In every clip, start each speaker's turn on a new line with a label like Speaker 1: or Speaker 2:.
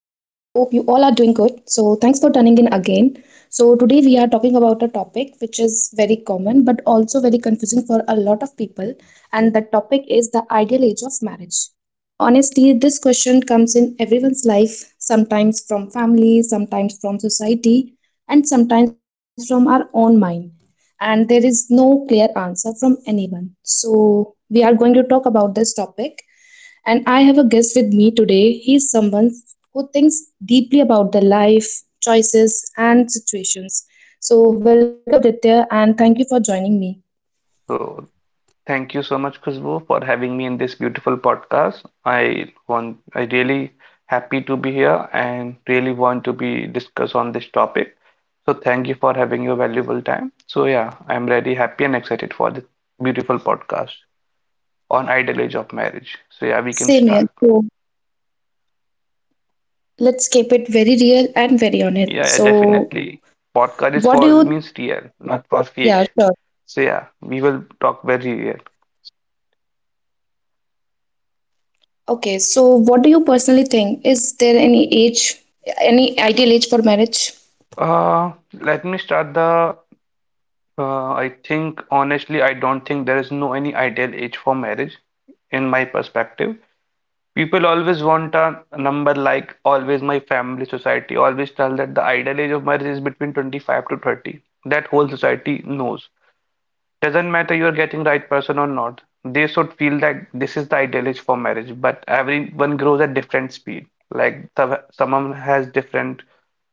Speaker 1: doing good. So, thanks for tuning in again. So, today we are talking about a topic which is very common but also very confusing for a lot of people, and that topic is the ideal age of marriage. Honestly, this question comes in everyone's life, sometimes from family, sometimes from society, and sometimes from our own mind. And there is no clear answer from anyone. So, we are going to talk about this topic. And I have a guest with me today. He's someone who thinks deeply about their life, choices, and situations. So, welcome, Aditya, and thank you for joining me.
Speaker 2: So thank you so much, Khushbu, for having me in this beautiful podcast. I really happy to be here and really want to be discuss on this topic. So thank you for having your valuable time. So yeah, I'm really happy and excited for this beautiful podcast on ideal age of marriage. So yeah, we can
Speaker 1: Same here.
Speaker 2: start.
Speaker 1: So, let's keep it very real and very honest.
Speaker 2: Yeah, yeah,
Speaker 1: So,
Speaker 2: definitely. Podcast is
Speaker 1: what do
Speaker 2: for
Speaker 1: you,
Speaker 2: means real, not for
Speaker 1: yeah,
Speaker 2: fake.
Speaker 1: sure.
Speaker 2: So yeah, we will talk very real.
Speaker 1: Okay, so what do you personally think? Is there any age, any ideal age for marriage?
Speaker 2: Uh, let me start the I think honestly, I don't think there is no any ideal age for marriage in my perspective. People always want a number, like always my family, society always tell that the ideal age of marriage is between 25 to 30. That whole society knows. Doesn't matter you're getting right person or not. They should feel that this is the ideal age for marriage, but everyone grows at different speed. Like someone has different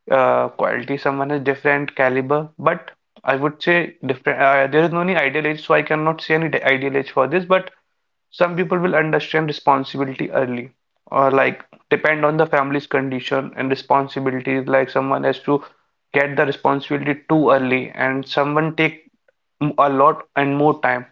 Speaker 2: quality, someone has different caliber, but I would say different. There is no any ideal age, so I cannot say any ideal age for this. But some people will understand responsibility early, or like depend on the family's condition and responsibilities. Like someone has to get the responsibility too early, and someone take a lot and more time.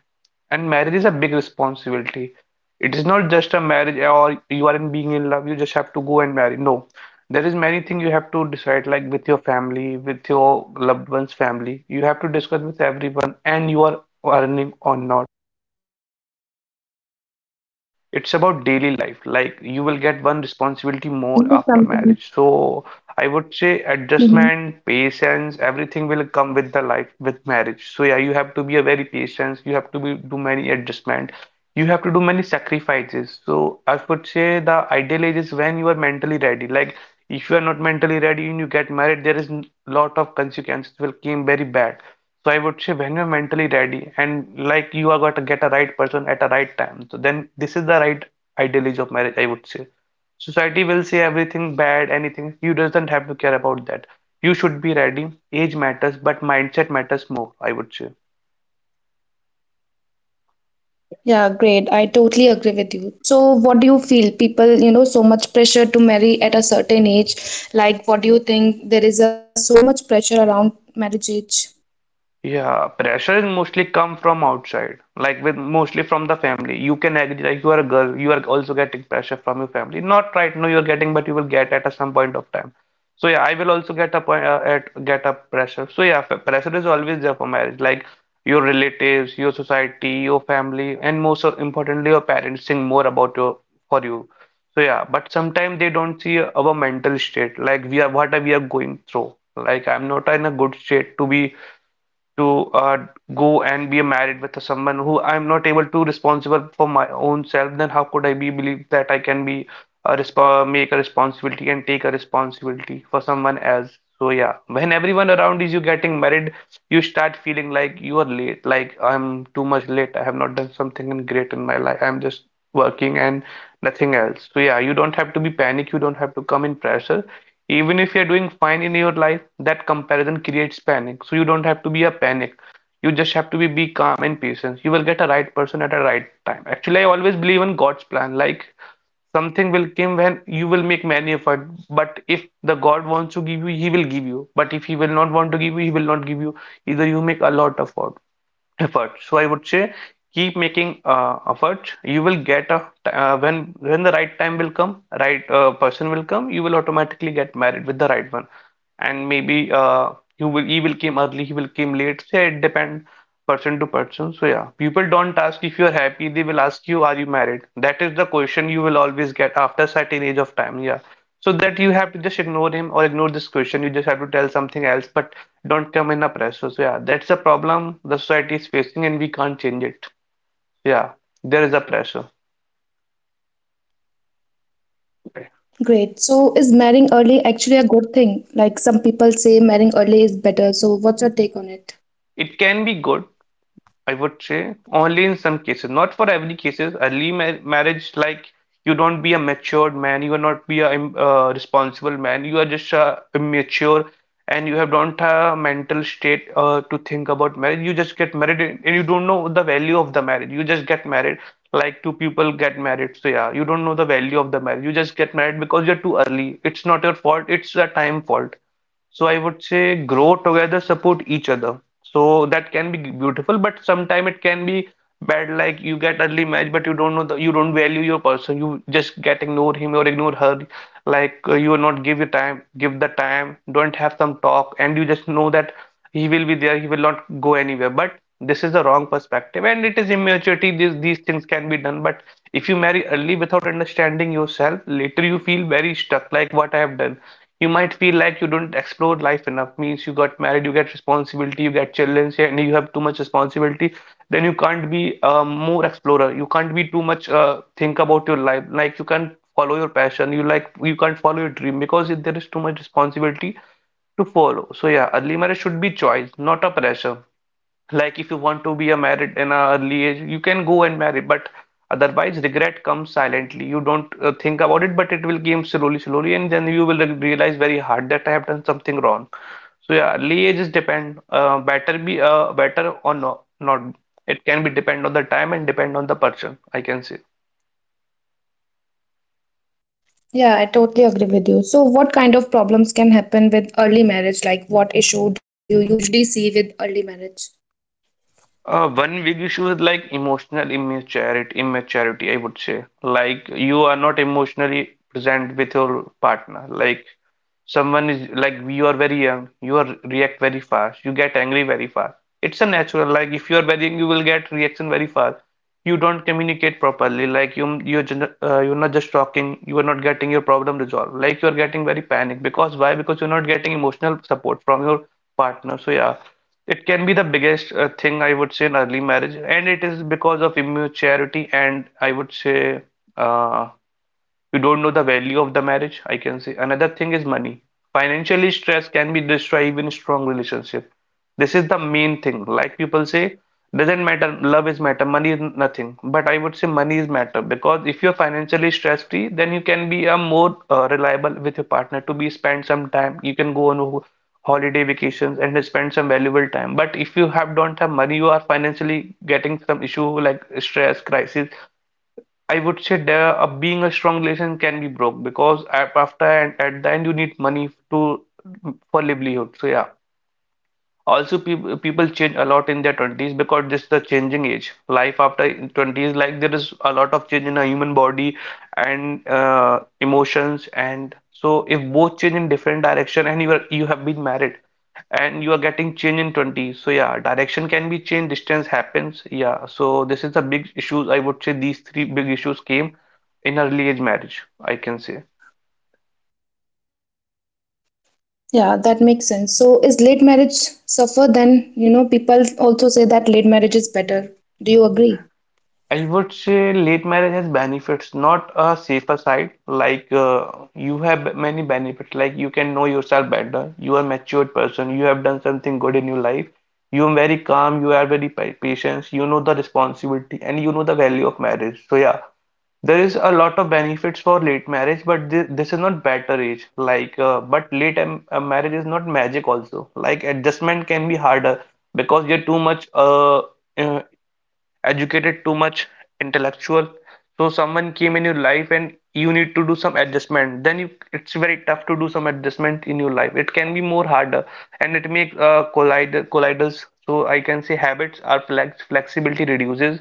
Speaker 2: And marriage is a big responsibility. It is not just a marriage or you are in being in love, you just have to go and marry. No. There is many things you have to decide, like with your family, with your loved one's family. You have to discuss with everyone and you are earning or not. It's about daily life. Like you will
Speaker 1: Yeah,
Speaker 2: get
Speaker 1: I
Speaker 2: one
Speaker 1: agree. I
Speaker 2: responsibility
Speaker 1: feel, you
Speaker 2: more
Speaker 1: know,
Speaker 2: after
Speaker 1: something.
Speaker 2: marriage. So I would say
Speaker 1: Mm-hmm.
Speaker 2: adjustment, patience, everything will come with the life with marriage. So yeah, you have to be a very patient. You have to be do many adjustment. You have to do many sacrifices. So I would say the ideal age is when you are mentally ready. Like if you are not mentally ready and you get married, there is lot of consequences will came very bad. So I would say when you're mentally ready and like you are going to get a right person at a right time, so then this is the right ideal of marriage, I would say. Society will say everything bad, anything. You doesn't have to care about that. You should be ready. Age matters, but mindset matters more, I would say.
Speaker 1: Yeah, great. I totally agree with you. So, what do you feel? People, so much pressure to marry at a certain age. Like, what do you think? There is a so much pressure around marriage age.
Speaker 2: Yeah, pressure is mostly come from outside, like with mostly from the family. You can agree, like you are a girl, you are also getting pressure from your family. Not right now you are getting, but you will get at a some point of time. So yeah, I will also get a point at get a pressure. So yeah, pressure is always there for marriage, like your relatives, your society, your family, and most importantly your parents think more about your for you. So yeah, but sometimes they don't see our mental state, like we are what are we are going through. Like I'm not in a good state to be to go and be married with someone who I'm not able to responsible for my own self, then how could I be believe that I can be a resp make a responsibility and take a responsibility for someone else? So yeah, when everyone around is you getting married, you start feeling like you are late, like I'm too much late. I have not done something great in my life. I'm just working and nothing else. So yeah, you don't have to be panic. You don't have to come in pressure even if you're doing fine in your life. That comparison creates panic, so you don't have to be a panic. You just have to be calm and patient. You will get a right person at a right time. Actually, I always believe in God's plan. Like something will come when you will make many effort. But if the God wants to give you, he will give you, but if he will not want to give you, he will not give you either you make a lot of effort. So I would say keep making effort. You will get a, when the right time will come, right person will come, you will automatically get married with the right one. And maybe, you will he will came early, he will came late. So yeah, it depend person to person. So yeah, people don't ask if you are happy, they will ask you are you married. That is the question you will always get after certain age of time, yeah. So that you have to just ignore him or ignore this question, you just have to tell something else, but don't come in a pressure. So yeah, that's a problem the society is facing and we can't change it. Yeah, there is a pressure.
Speaker 1: Great. So, is marrying early actually a good thing? Like, some people say marrying early is better. So, what's your take on it?
Speaker 2: It can be good, I would say only in some cases, not for every cases. Early marriage, like you don't be a matured man, you are not be a responsible man. You are just immature, and you have don't have a mental state to think about marriage. You just get married, and you don't know the value of the marriage. You just get married, like two people get married. So yeah, you don't know the value of the marriage. You just get married because you're too early. It's not your fault. It's a time fault. So I would say grow together, support each other. So that can be beautiful, but sometime it can be bad. Like you get early marriage, but you don't value your person. You just get ignore him or ignore her, like you will not give your time, give the time, don't have some talk and you just know that he will be there, he will not go anywhere. But this is the wrong perspective and it is immaturity, these things can be done. But if you marry early without understanding yourself, later you feel very stuck, like what I have done. You might feel like you don't explore life enough, means you got married, you get responsibility, you get children and you have too much responsibility, then you can't be a more explorer. You can't be too much think about your life. Like you can't follow your passion. You like you can't follow your dream because there is too much responsibility to follow. So yeah, early marriage should be choice, not a pressure. Like if you want to be a married in an early age, you can go and marry, but otherwise regret comes silently. You don't think about it, but it will come slowly, slowly, and then you will realize very hard that I have done something wrong. So yeah, early age is depend, better be better or no, not. It can be depend on the time and depend on the person, I can say.
Speaker 1: Yeah, I totally agree with you. So, what kind of problems can happen with early marriage? Like, what issue do you usually see with early marriage?
Speaker 2: One big issue is like emotional immaturity, I would say. Like you are not emotionally present with your partner. Like someone is like you are very young, you are react very fast, you get angry very fast. It's a natural, like if you are very young, you will get reaction very fast. You don't communicate properly, like you're not just talking, you are not getting your problem resolved, like you are getting very panic, because why? Because you're not getting emotional support from your partner. So yeah, it can be the biggest thing I would say in early marriage, and it is because of immaturity, and I would say, uh, you don't know the value of the marriage, I can say. Another thing is money. Financially stress can be destroy even strong relationship. This is the main thing. Like people say, doesn't matter, love is matter, money is nothing. But I would say money is matter, because if you're financially stress free, then you can be a more reliable with your partner, to be spend some time, you can go on holiday vacations and spend some valuable time. But if you have don't have money, you are financially getting some issue, like stress, crisis, I would say, there a being a strong relation can be broke. Because after, and at the end, you need money to, for livelihood. So yeah. Also, people change a lot in their 20s, because this is the changing age. Life after 20s, like there is a lot of change in a human body and emotions. And so, if both change in different direction and you have been married, and you are getting change in 20, so yeah, direction can be changed, distance happens. Yeah, so this is the big issues, I would say. These three big issues came in early age marriage, I can say.
Speaker 1: Yeah, that makes sense. So is late marriage suffer then, you know, people also say that late marriage is better. Do you agree?
Speaker 2: I would say late marriage has benefits, not a safer side. Like, you have many benefits, like you can know yourself better, you are a matured person, you have done something good in your life, you are very calm, you are very patient, you know the responsibility and you know the value of marriage. So yeah, there is a lot of benefits for late marriage, but this is not better age. But late marriage is not magic also. Like, adjustment can be harder because you're too much uh, educated, too much intellectual. So someone came in your life and you need to do some adjustment. Then it's very tough to do some adjustment in your life. It can be more harder and it makes colliders. So I can say habits are flexibility reduces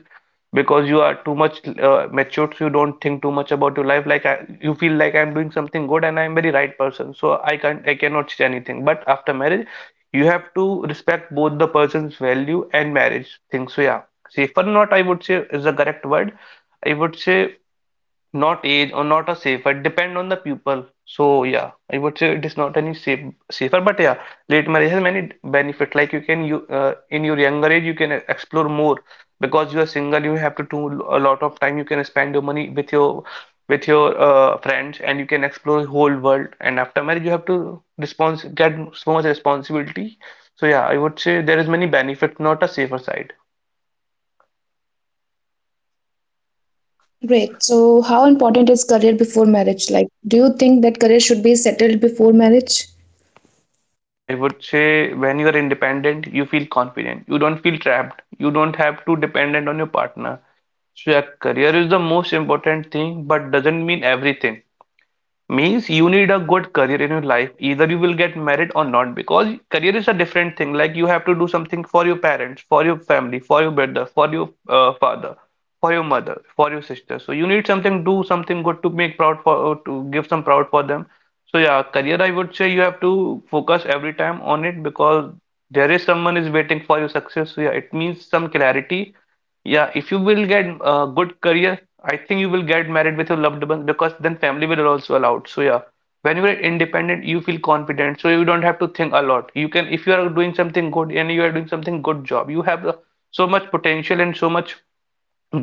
Speaker 2: because you are too much matured, so you don't think too much about your life. You feel like I'm doing something good and I'm very right person, so I cannot change anything. But after marriage, you have to respect both the person's value and marriage thing. So yeah, safer not, I would say, is the correct word. I would say not age or not a safer, depend on the pupil. So yeah, I would say it is not any safer. But yeah, late marriage has many benefit, like you can you in your younger age you can explore more because you are single. You have to do a lot of time, you can spend your money with your friends, and you can explore the whole world. And after marriage you have to respons get so much responsibility. So yeah, I would say there is many benefit, not a safer side.
Speaker 1: Great. So how important is career before marriage? Like, do you think that career should be settled before marriage?
Speaker 2: I would say when you are independent, you feel confident. You don't feel trapped. You don't have to dependent on your partner. So your career is the most important thing, but doesn't mean everything. Means you need a good career in your life, either you will get married or not, because career is a different thing. Like you have to do something for your parents, for your family, for your brother, for your father, for your mother, for your sister. So you need something, do something good to make proud for to give some proud for them. So yeah, career, I would say, you have to focus every time on it because there is someone is waiting for your success. So yeah, it means some clarity. Yeah, if you will get a good career, I think you will get married with your loved ones, because then family will also allow. So yeah, when you are independent, you feel confident, so you don't have to think a lot. You can, if you are doing something good and you are doing something good job, you have so much potential and so much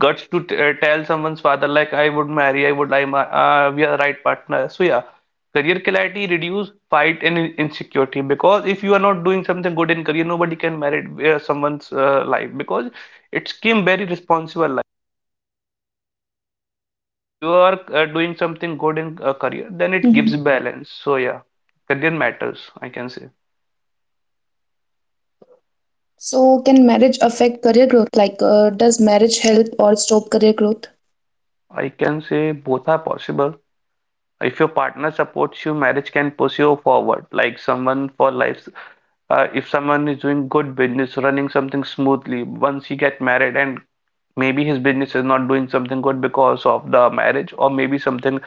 Speaker 2: guts to t tell someone's father like, I would marry, we are the right partner. So yeah, career clarity reduce fight and insecurity, because if you are not doing something good in career, nobody can marry someone's life because it's came very responsible. So if you are doing something good in a career, then it gives
Speaker 1: Mhm.
Speaker 2: balance. So yeah, career matters, I can say.
Speaker 1: So can marriage affect career growth? Like, does marriage help or stop career growth?
Speaker 2: I can say both are possible. If your partner supports you, marriage can push you forward. Like someone for life, if someone is doing good business, running something smoothly, once you get married and maybe his business is not doing something good because of the marriage, or maybe something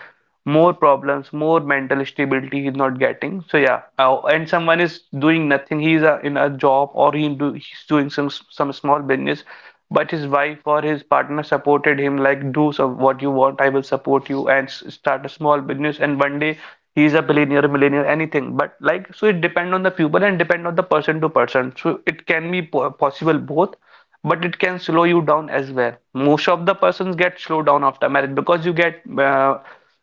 Speaker 2: more problems, more mental stability he's not getting. So yeah, oh, and someone is doing nothing, he's in a job, or he's doing some small business, but his wife or his partner supported him, like, do so what you want, I will support you, and start a small business, and one day he's a billionaire, millionaire, anything. But like, so it depend on the people and depend on the person to person. So it can be possible both, but it can slow you down as well. Most of the persons get slowed down after marriage because you get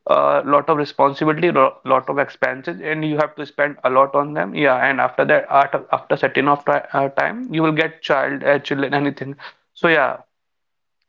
Speaker 2: a lot of responsibility, lot of expenses, and you have to spend a lot on them. Yeah, and after that, after certain of time, you will get children, anything. So yeah,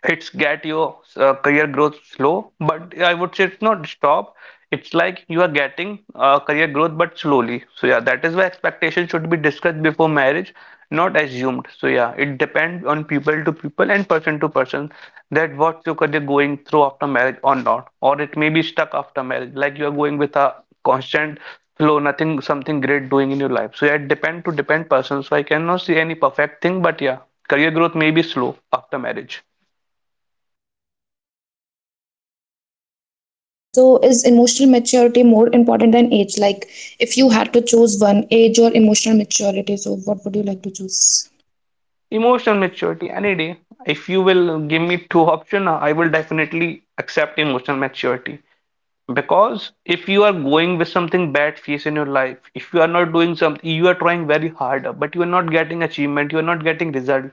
Speaker 2: it's get your career growth slow, but I would say it's not stop. It's like you are getting career growth, but slowly. So yeah, that is why expectations should be discussed before marriage, not assumed. So yeah, it depends on people to people and person to person, that what your career going through after marriage or not, or it may be stuck after marriage, like you are going with a constant flow, nothing something great doing in your life. So yeah, it depend to depend person, so I cannot see any perfect thing. But yeah, career growth may be slow after marriage.
Speaker 1: Yeah, that makes sense. So is emotional maturity more important than age? Like, if you had to choose one, age or emotional maturity, so what would you like to choose?
Speaker 2: Emotional maturity, any day. If you will give me two options, I will definitely accept emotional maturity. Because if you are going with something bad phase in your life, if you are not doing something, you are trying very hard, but you are not getting achievement, you are not getting result,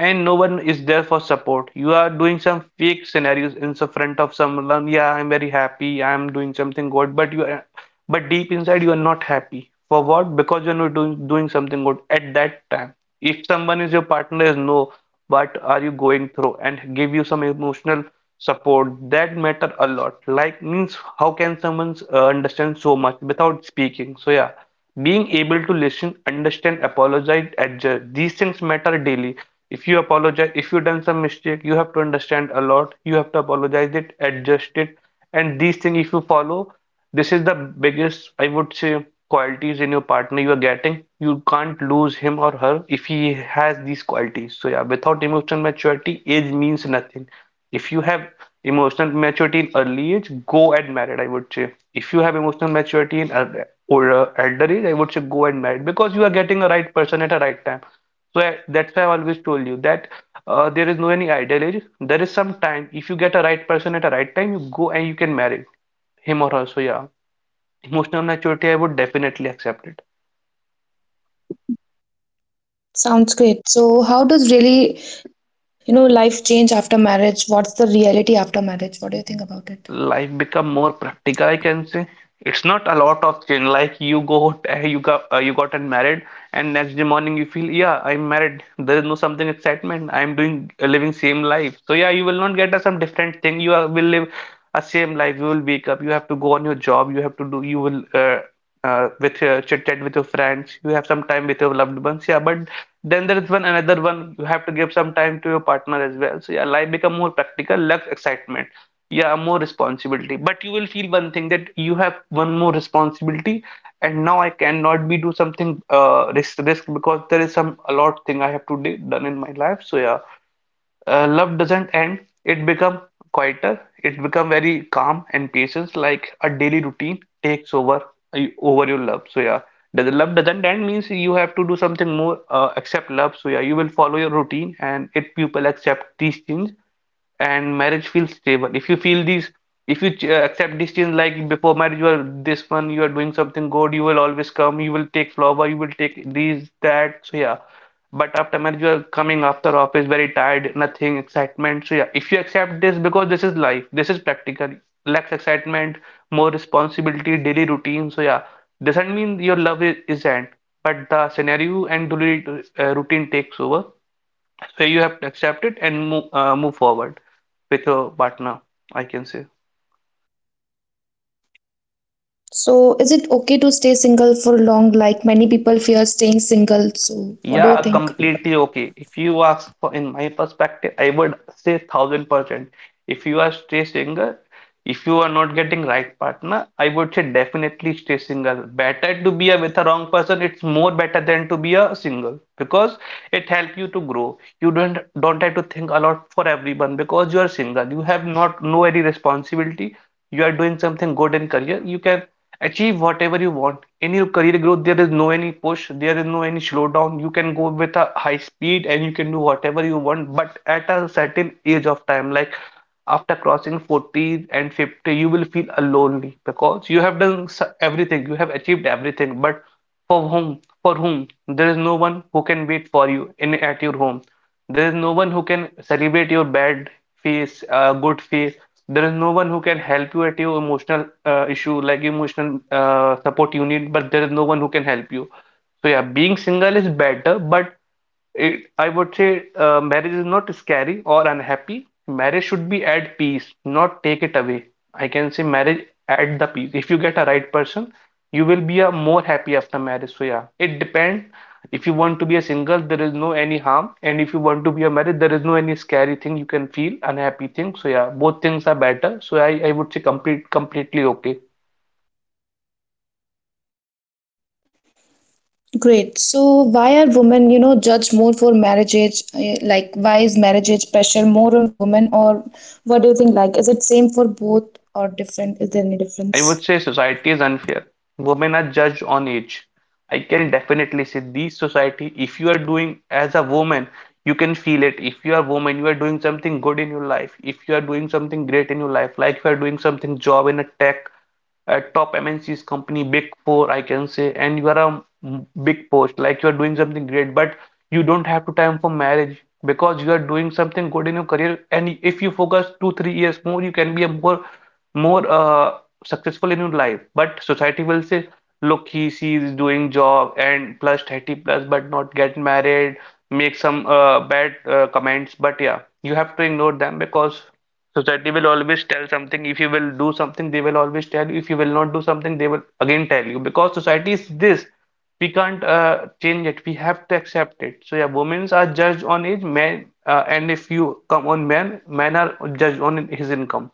Speaker 2: and no one is there for support. You are doing some fake scenarios in the front of someone. Yeah, I'm very happy, I'm doing something good, but you are but deep inside you are not happy for what, because you're not doing something good at that time. If someone is your partner is know what are you going through and give you some emotional support, that matter a lot. Like, means, how can someone understand so much without speaking. So yeah, being able to listen, understand, apologize, adjust, these things matter daily. If you apologize, if you done some mistake, you have to understand a lot, you have to apologize it, adjust it. And these things if you follow, this is the biggest, I would say, qualities in your partner you are getting. You can't lose him or her if he has these qualities. So yeah, without emotional maturity, age means nothing. If you have emotional maturity in early age, go and married, I would say. If you have emotional maturity in or elder age, I would say, go and married, because you are getting a right person at a right time. So that's why I always told you that there is no any ideal age. There is some time. If you get a right person at a right time, you go and you can marry him or her. So yeah, emotional maturity, I would definitely accept it.
Speaker 1: Sounds great. So how does really life change after marriage? What's the reality after marriage? What do you think about it?
Speaker 2: Life become more practical, I can say. It's not a lot of change, like you go you gotten married, and next day morning you feel, yeah, I'm married, there is no something excitement. I'm doing living same life. So yeah, you will not get a some different thing. Will live a same life. You will wake up, you have to go on your job, you have to do. You will with your chit chat with your friends, you have some time with your loved ones. Yeah, but then there is one another one, you have to give some time to your partner as well. So yeah, life become more practical, less excitement. Yeah, more responsibility. But you will feel one thing, that you have one more responsibility, and now I cannot be do something risk, because there is some a lot thing I have to do done in my life. So yeah, love doesn't end. It become quieter. It become very calm and patience. Like a daily routine takes over your love. So yeah, the love doesn't end, means you have to do something more except love. So yeah, you will follow your routine, and if people accept these things, and marriage feels stable. If you feel these, if you accept these things, like, before marriage, you are this one, you are doing something good. You will always come. You will take flower. You will take these that. So yeah, but after marriage, you are coming after office very tired, nothing excitement. So yeah, if you accept this, because this is life, this is practical, less excitement, more responsibility, daily routine. So yeah, doesn't mean your love isn't, but the scenario and daily routine takes over. So you have to accept it and move forward with your partner, I can say.
Speaker 1: So is it okay to stay single for long? Like many people fear staying single. So what do you
Speaker 2: Yeah,
Speaker 1: think?
Speaker 2: completely okay. If you ask for, in my perspective, I would say 1000%. If you are stay single, if you are not getting right partner, I would say definitely stay single. Better to be a, with a wrong person. It's more better than to be a single, because it help you to grow. You don't have to think a lot for everyone, because you are single, you have not no any responsibility. You are doing something good in career, you can achieve whatever you want in your career growth. There is no any push, there is no any slowdown. You can go with a high speed and you can do whatever you want, but at a certain age of time, like after crossing 40 and 50, you will feel lonely, because you have done everything, you have achieved everything, but for whom, for whom? There is no one who can wait for you in at your home. There is no one who can celebrate your bad phase, good phase. There is no one who can help you at your emotional issue, like emotional support you need, but there is no one who can help you. So yeah, being single is better, but it, I would say marriage is not scary or unhappy. Marriage should be at peace, not take it away. I can say marriage at the peace. If you get a right person, you will be a more happy after marriage. So yeah, it depends. If you want to be a single, there is no any harm, and if you want to be a married, there is no any scary thing you can feel, unhappy thing. So yeah, both things are better. So I would say completely okay.
Speaker 1: Great. So why are women judged more for marriage age? Like why is marriage age pressure more on women or what do you think? Like is it same for both or different? Is there any
Speaker 2: I
Speaker 1: difference?
Speaker 2: would say society is unfair. Women are judged on age. I can definitely say this society, if you are doing as a woman, you can feel it. If you are a woman, you are doing something good in your life. If you are doing something great in your life, like you are doing something job in a tech, a top MNC's company, big four, I can say, and you are a big post, like you are doing something great, but you don't have to time for marriage, because you are doing something good in your career. And if you focus two, 3 years more, you can be a more successful in your life, but society will say, look, he, she is doing job and plus 30 plus, but not get married, make some bad comments. But yeah, you have to ignore them, because society will always tell something. If you will do something, they will always tell you. If you will not do something, they will again tell you, because society is this. We can't change it, we have to accept it. So yeah, women are judged on age, men and if you come on men are judged on his income.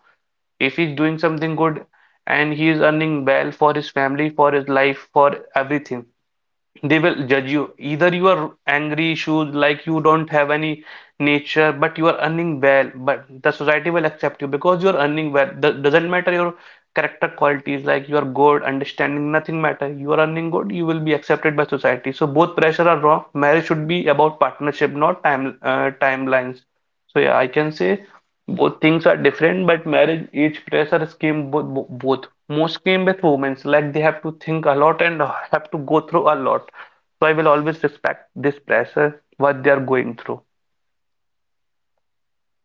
Speaker 2: If he's doing something good, and he is earning well for his family, for his life, for everything, they will judge you. Either you are angry, shoes, like you don't have any nature, but you are earning well, but the society will accept you, because you are earning well. The, doesn't matter your character qualities, like you are good, understanding, nothing matter. You are earning good, you will be accepted by society. So both pressure are wrong. Marriage should be about partnership, not timelines. So yeah, I can say both things are different, but marriage age pressure scheme both. Most came with women, like they have to think a lot and have to go through a lot. So I will always respect this pressure, what they are going through.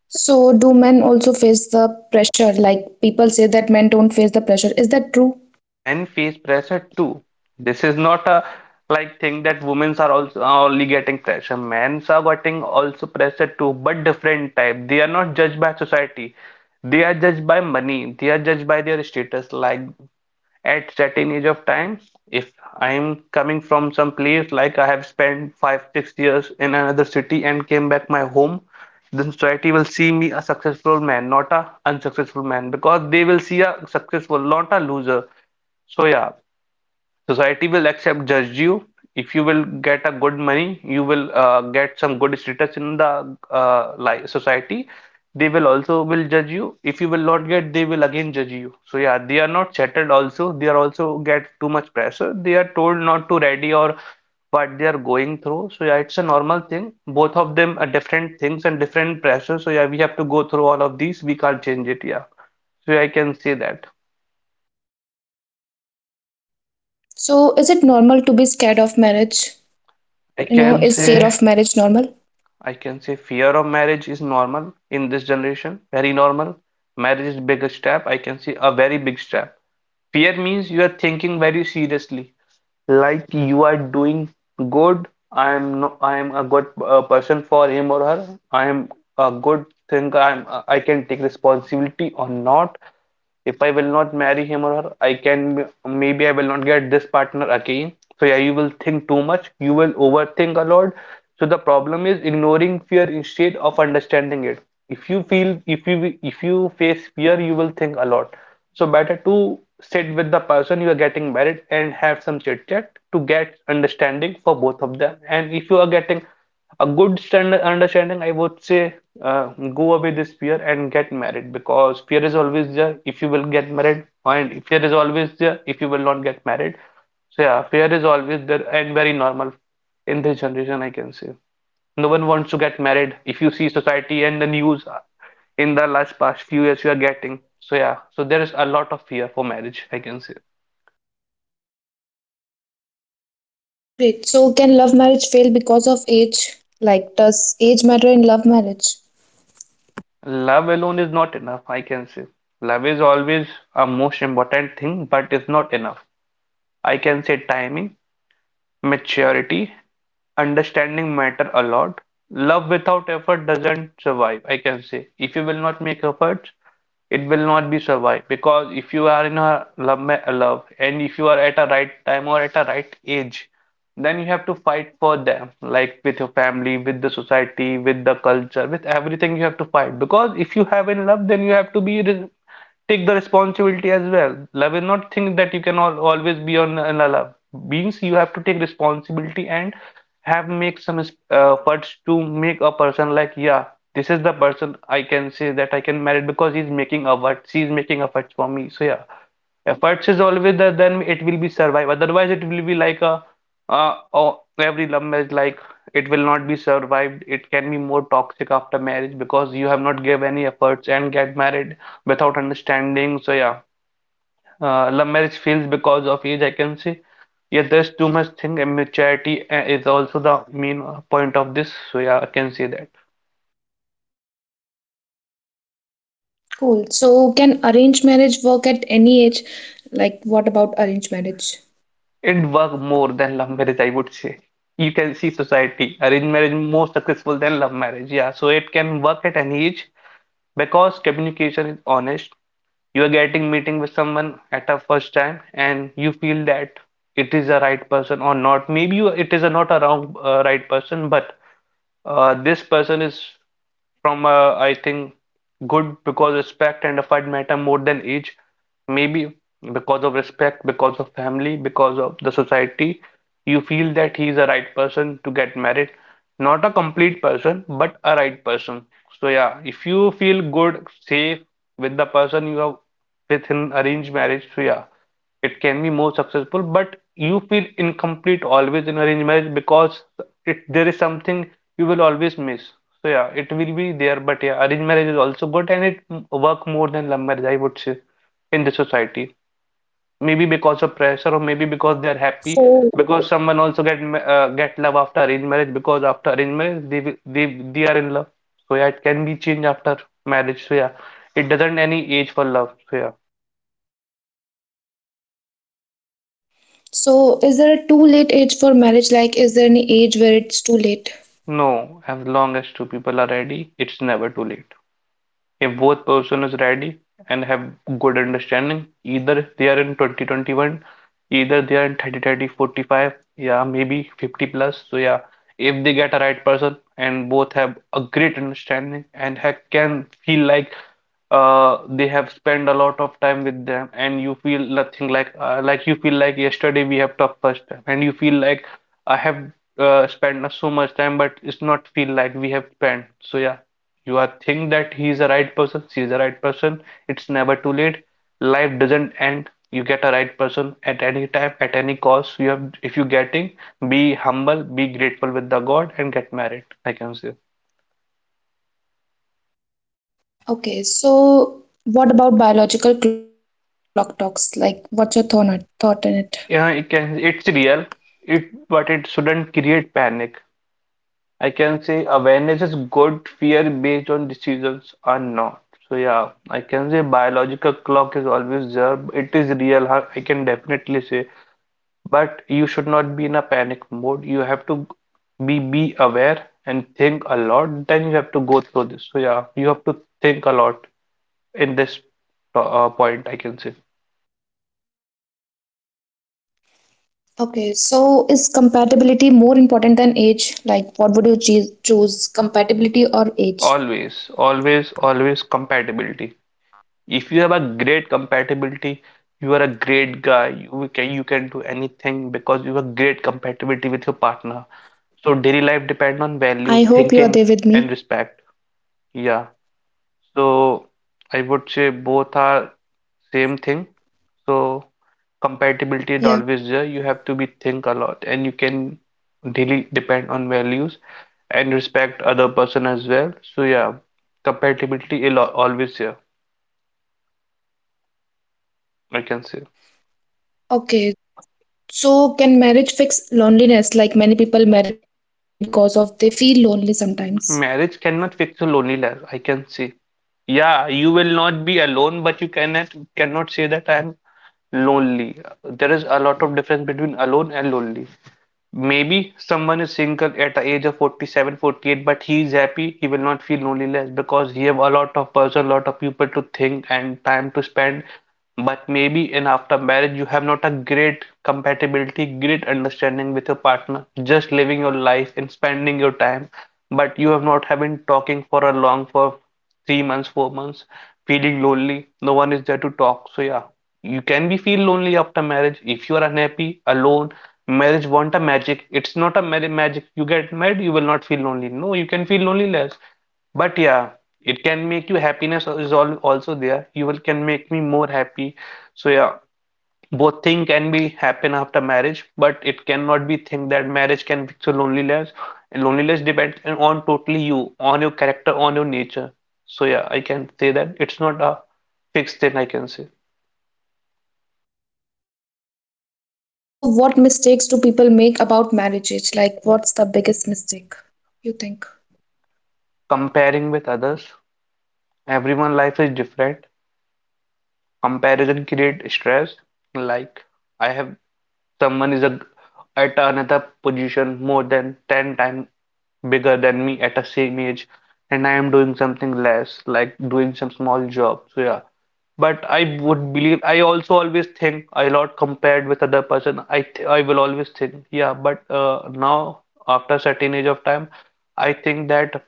Speaker 1: So do men also face the pressure? Like people say that men don't face the pressure. Is that true?
Speaker 2: Men face pressure too. This is not a like thing that women are also only getting pressure. Men are getting also pressure too, but different type. They are not judged by society. They are judged by money. They are judged by their status. Like, at certain age of time, if I'm coming from some place, like I have spent 5 6 years in another city and came back my home, then society will see me a successful man, not a unsuccessful man, because they will see a successful, not a loser. So yeah, society will accept, judge you. If you will get a good money, you will get some good status in the li society. They will also will judge you. If you will not get, they will again judge you. So yeah, they are not settled also. They are also get too much pressure. They are told not to ready or what they are going through. So yeah, it's a normal thing. Both of them are different things and different pressure. So yeah, we have to go through all of these. We can't change it. Yeah. So yeah, I can say that.
Speaker 1: So, is it normal to be scared of marriage?
Speaker 2: I
Speaker 1: You know,
Speaker 2: can
Speaker 1: is fear
Speaker 2: say.
Speaker 1: of marriage normal?
Speaker 2: I can say fear of marriage is normal in this generation, very normal. Marriage is biggest step. I can say a very big step. Fear means you are thinking very seriously, like you are doing good. I am no, I am a good person for him or her. I am a good thing. I'm I can take responsibility or not. If I will not marry him or her, I can, maybe I will not get this partner again. So yeah, you will think too much, you will overthink a lot. So the problem is ignoring fear instead of understanding it. If you feel, if you face fear, you will think a lot. So better to sit with the person you are getting married and have some chit chat to get understanding for both of them. And if you are getting a good stand understanding, I would say, uh, go away this fear and get married, because fear is always there if you will get married, and fear is always there if you will not get married. So yeah, fear is always there and very normal in this generation, I can say. No one wants to get married. If you see society and the news in the last past few years, you are getting. So yeah, so there is a lot of fear for marriage, I can say.
Speaker 1: Great. So, can love marriage fail because of age? Like, does age matter in love marriage?
Speaker 2: Love alone is not enough, I can say. Love is always a most important thing, but it's not enough. I can say timing, maturity, understanding matter a lot. Love without effort doesn't survive, I can say. If you will not make efforts, it will not be survived, because if you are in a love, love, and if you are at a right time or at a right age, then you have to fight for them, like with your family, with the society, with the culture, with everything you have to fight. Because if you have in love, then you have to take the responsibility as well. Love is not think that you can al always be on in a love, means you have to take responsibility and have make some efforts to make a person like, yeah, this is the person, I can say that I can marry, because he's making efforts, she's making efforts for me. So yeah, efforts is always there, then it will be survive, otherwise it will be like a oh, every love marriage, like it will not be survived, it can be more toxic after marriage, because you have not give any efforts and get married without understanding. So yeah, love marriage fails because of age, I can say. Yeah, there's too much thing, and maturity is also the main point of this. So yeah, I can say that.
Speaker 1: Cool. So, can arranged marriage work at any age? Like, what about arranged marriage?
Speaker 2: It work more than love marriage, I would say. You can see society, arranged marriage more successful than love marriage. Yeah, so it can work at any age because communication is honest. You are getting meeting with someone at a first time, and you feel that it is a right person or not. Maybe you, it is a not a wrong right person, but this person is from, I think, good, because respect and effort matter more than age. Maybe because of respect, because of family, because of the society, you feel that he is a right person to get married. Not a complete person, but a right person. So yeah, if you feel good, safe with the person you have within arranged marriage, so yeah, it can be more successful, but you feel incomplete always in arranged marriage because it there is something you will always miss. So yeah, it will be there, but yeah, arranged marriage is also good and it work more than love marriage, I would say, in the society. Maybe because of pressure or maybe because they are happy,
Speaker 1: So,
Speaker 2: because someone also get love after arranged marriage, because after arranged marriage they they are in love. So yeah, it can be changed after marriage. So yeah, it doesn't any age for love. So yeah,
Speaker 1: so is there a too late age for marriage? Like, is there any age where it's too late?
Speaker 2: no, as long as two people are ready, it's never too late. If both person is ready and have good understanding, either they are in 2021, either they are in 30, 30, 45, yeah, maybe 50 plus. So yeah, if they get a right person and both have a great understanding and ha can feel like they have spent a lot of time with them, and you feel nothing like like you feel like yesterday we have talked first time, and you feel like I have spent so much time, but it's not feel like we have spent. So yeah, you are think that he is the right person, she is the right person, it's never too late. Life doesn't end. You get a right person at any time, at any cost you have. If you getting, be humble, be grateful with the God and get married, I can say.
Speaker 1: Okay. So, what about biological clock talks? Like, what's your thought on- it? Thought on it?
Speaker 2: Yeah, it can, it's real, it, but it shouldn't create panic. I can say awareness is good, fear based on decisions are not. So yeah, I can say biological clock is always there, it is real, I can definitely say. But you should not be in a panic mode. You have to be aware and think a lot, then you have to go through this. So yeah, you have to think a lot in this point, I can say.
Speaker 1: Okay, so is compatibility more important than age? Like, what would you choose, compatibility or age?
Speaker 2: Always, always, always compatibility. If you have a great compatibility, you are a great guy. You can, you can do anything because you have great compatibility with your partner. So daily life depend on value,
Speaker 1: I hope you are
Speaker 2: thinking,
Speaker 1: there with
Speaker 2: and
Speaker 1: me.
Speaker 2: respect. Yeah. So I would say both are same thing. So compatibility is always there. You
Speaker 1: Yeah.
Speaker 2: have to be think a lot, and you can daily depend on values and respect other person as well. So yeah, compatibility is always there, I can say.
Speaker 1: Okay, so can marriage fix loneliness? Like, many people marry because of they feel lonely sometimes.
Speaker 2: Marriage cannot fix a lonely life, I can see. Yeah, you will not be alone, but you cannot say that I am lonely. There is a lot of difference between alone and lonely. Maybe someone is single at the age of 47, 48, but he is happy. He will not feel loneliness because he have a lot of person, lot of people to think and time to spend. But maybe in after marriage, you have not a great compatibility, great understanding with your partner. Just living your life and spending your time, but you have not have been talking for a long for 3 months, 4 months, feeling lonely. No one is there to talk. So yeah, you can be feel lonely after marriage if you are unhappy, alone. Marriage want a magic. It's not a marriage magic. You get married, you will not feel lonely. No, you can feel lonely less. But yeah, it can make you happiness is all also there. You will can make me more happy. So yeah, both thing can be happen after marriage, but it cannot be think that marriage can fix your loneliness. And loneliness depends on totally you, on your character, on your nature. So yeah, I can say that it's not a fixed thing, I can say.
Speaker 1: Okay, so what mistakes do people make about
Speaker 2: Yeah,
Speaker 1: marriages? Like, what's the biggest mistake you think?
Speaker 2: comparing with others, everyone life is different. Comparison create stress, like I have someone is a, at another position more than 10 times bigger than me at a same age, and I am doing something less, like doing some small job. So yeah. But I would believe I also always think a lot compared with other person. I will always think, yeah, but now after certain age of time, I think that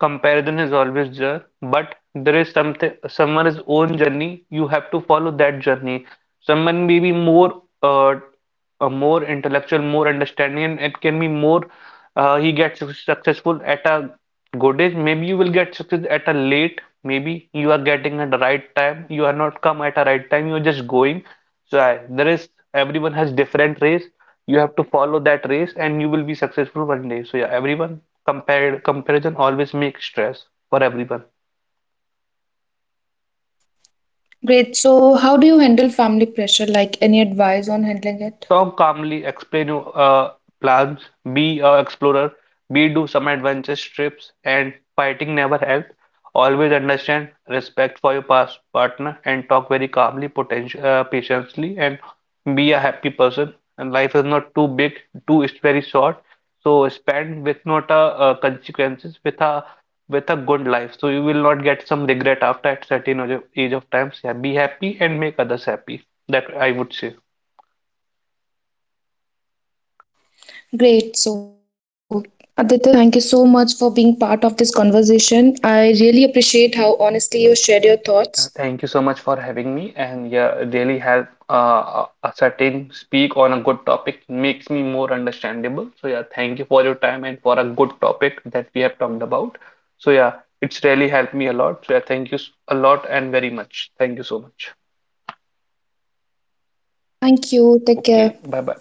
Speaker 2: comparison is always there, but there is something someone's own journey. You have to follow that journey. Someone may be more a more intellectual, more understanding, and it can be more. He gets successful at a good age. Maybe you will get success at a late. Maybe you are getting at the right time. You are not come at a right time. You are just going. There is everyone has different race. You have to follow that race, and you will be successful one day. So yeah, everyone compared comparison always makes stress for everyone.
Speaker 1: Great. So, how do you handle family pressure? Like, any advice on handling it?
Speaker 2: Tom calmly explains plans. Be a explorer. Be do some adventure trips, and fighting never help. Always understand, respect for your past partner and talk very calmly, potential, patiently, and be a happy person. And life is not too big, too is very short. So spend with not a consequences, with a, with a good life. So you will not get some regret after at certain age of times. Yeah, be happy and make others happy. That I would say.
Speaker 1: Great. So, Aditya, thank you so much for being part of this conversation. I really appreciate how honestly you shared your
Speaker 2: Yeah,
Speaker 1: thoughts.
Speaker 2: thank you so much for having me. And yeah, really help a certain speak on a good topic makes me more understandable. So yeah, thank you for your time and for a good topic that we have talked about. So yeah, it's really helped me a lot. So yeah, thank you a lot and very much. Thank you so much.
Speaker 1: Thank you. Take care.
Speaker 2: Okay, bye bye.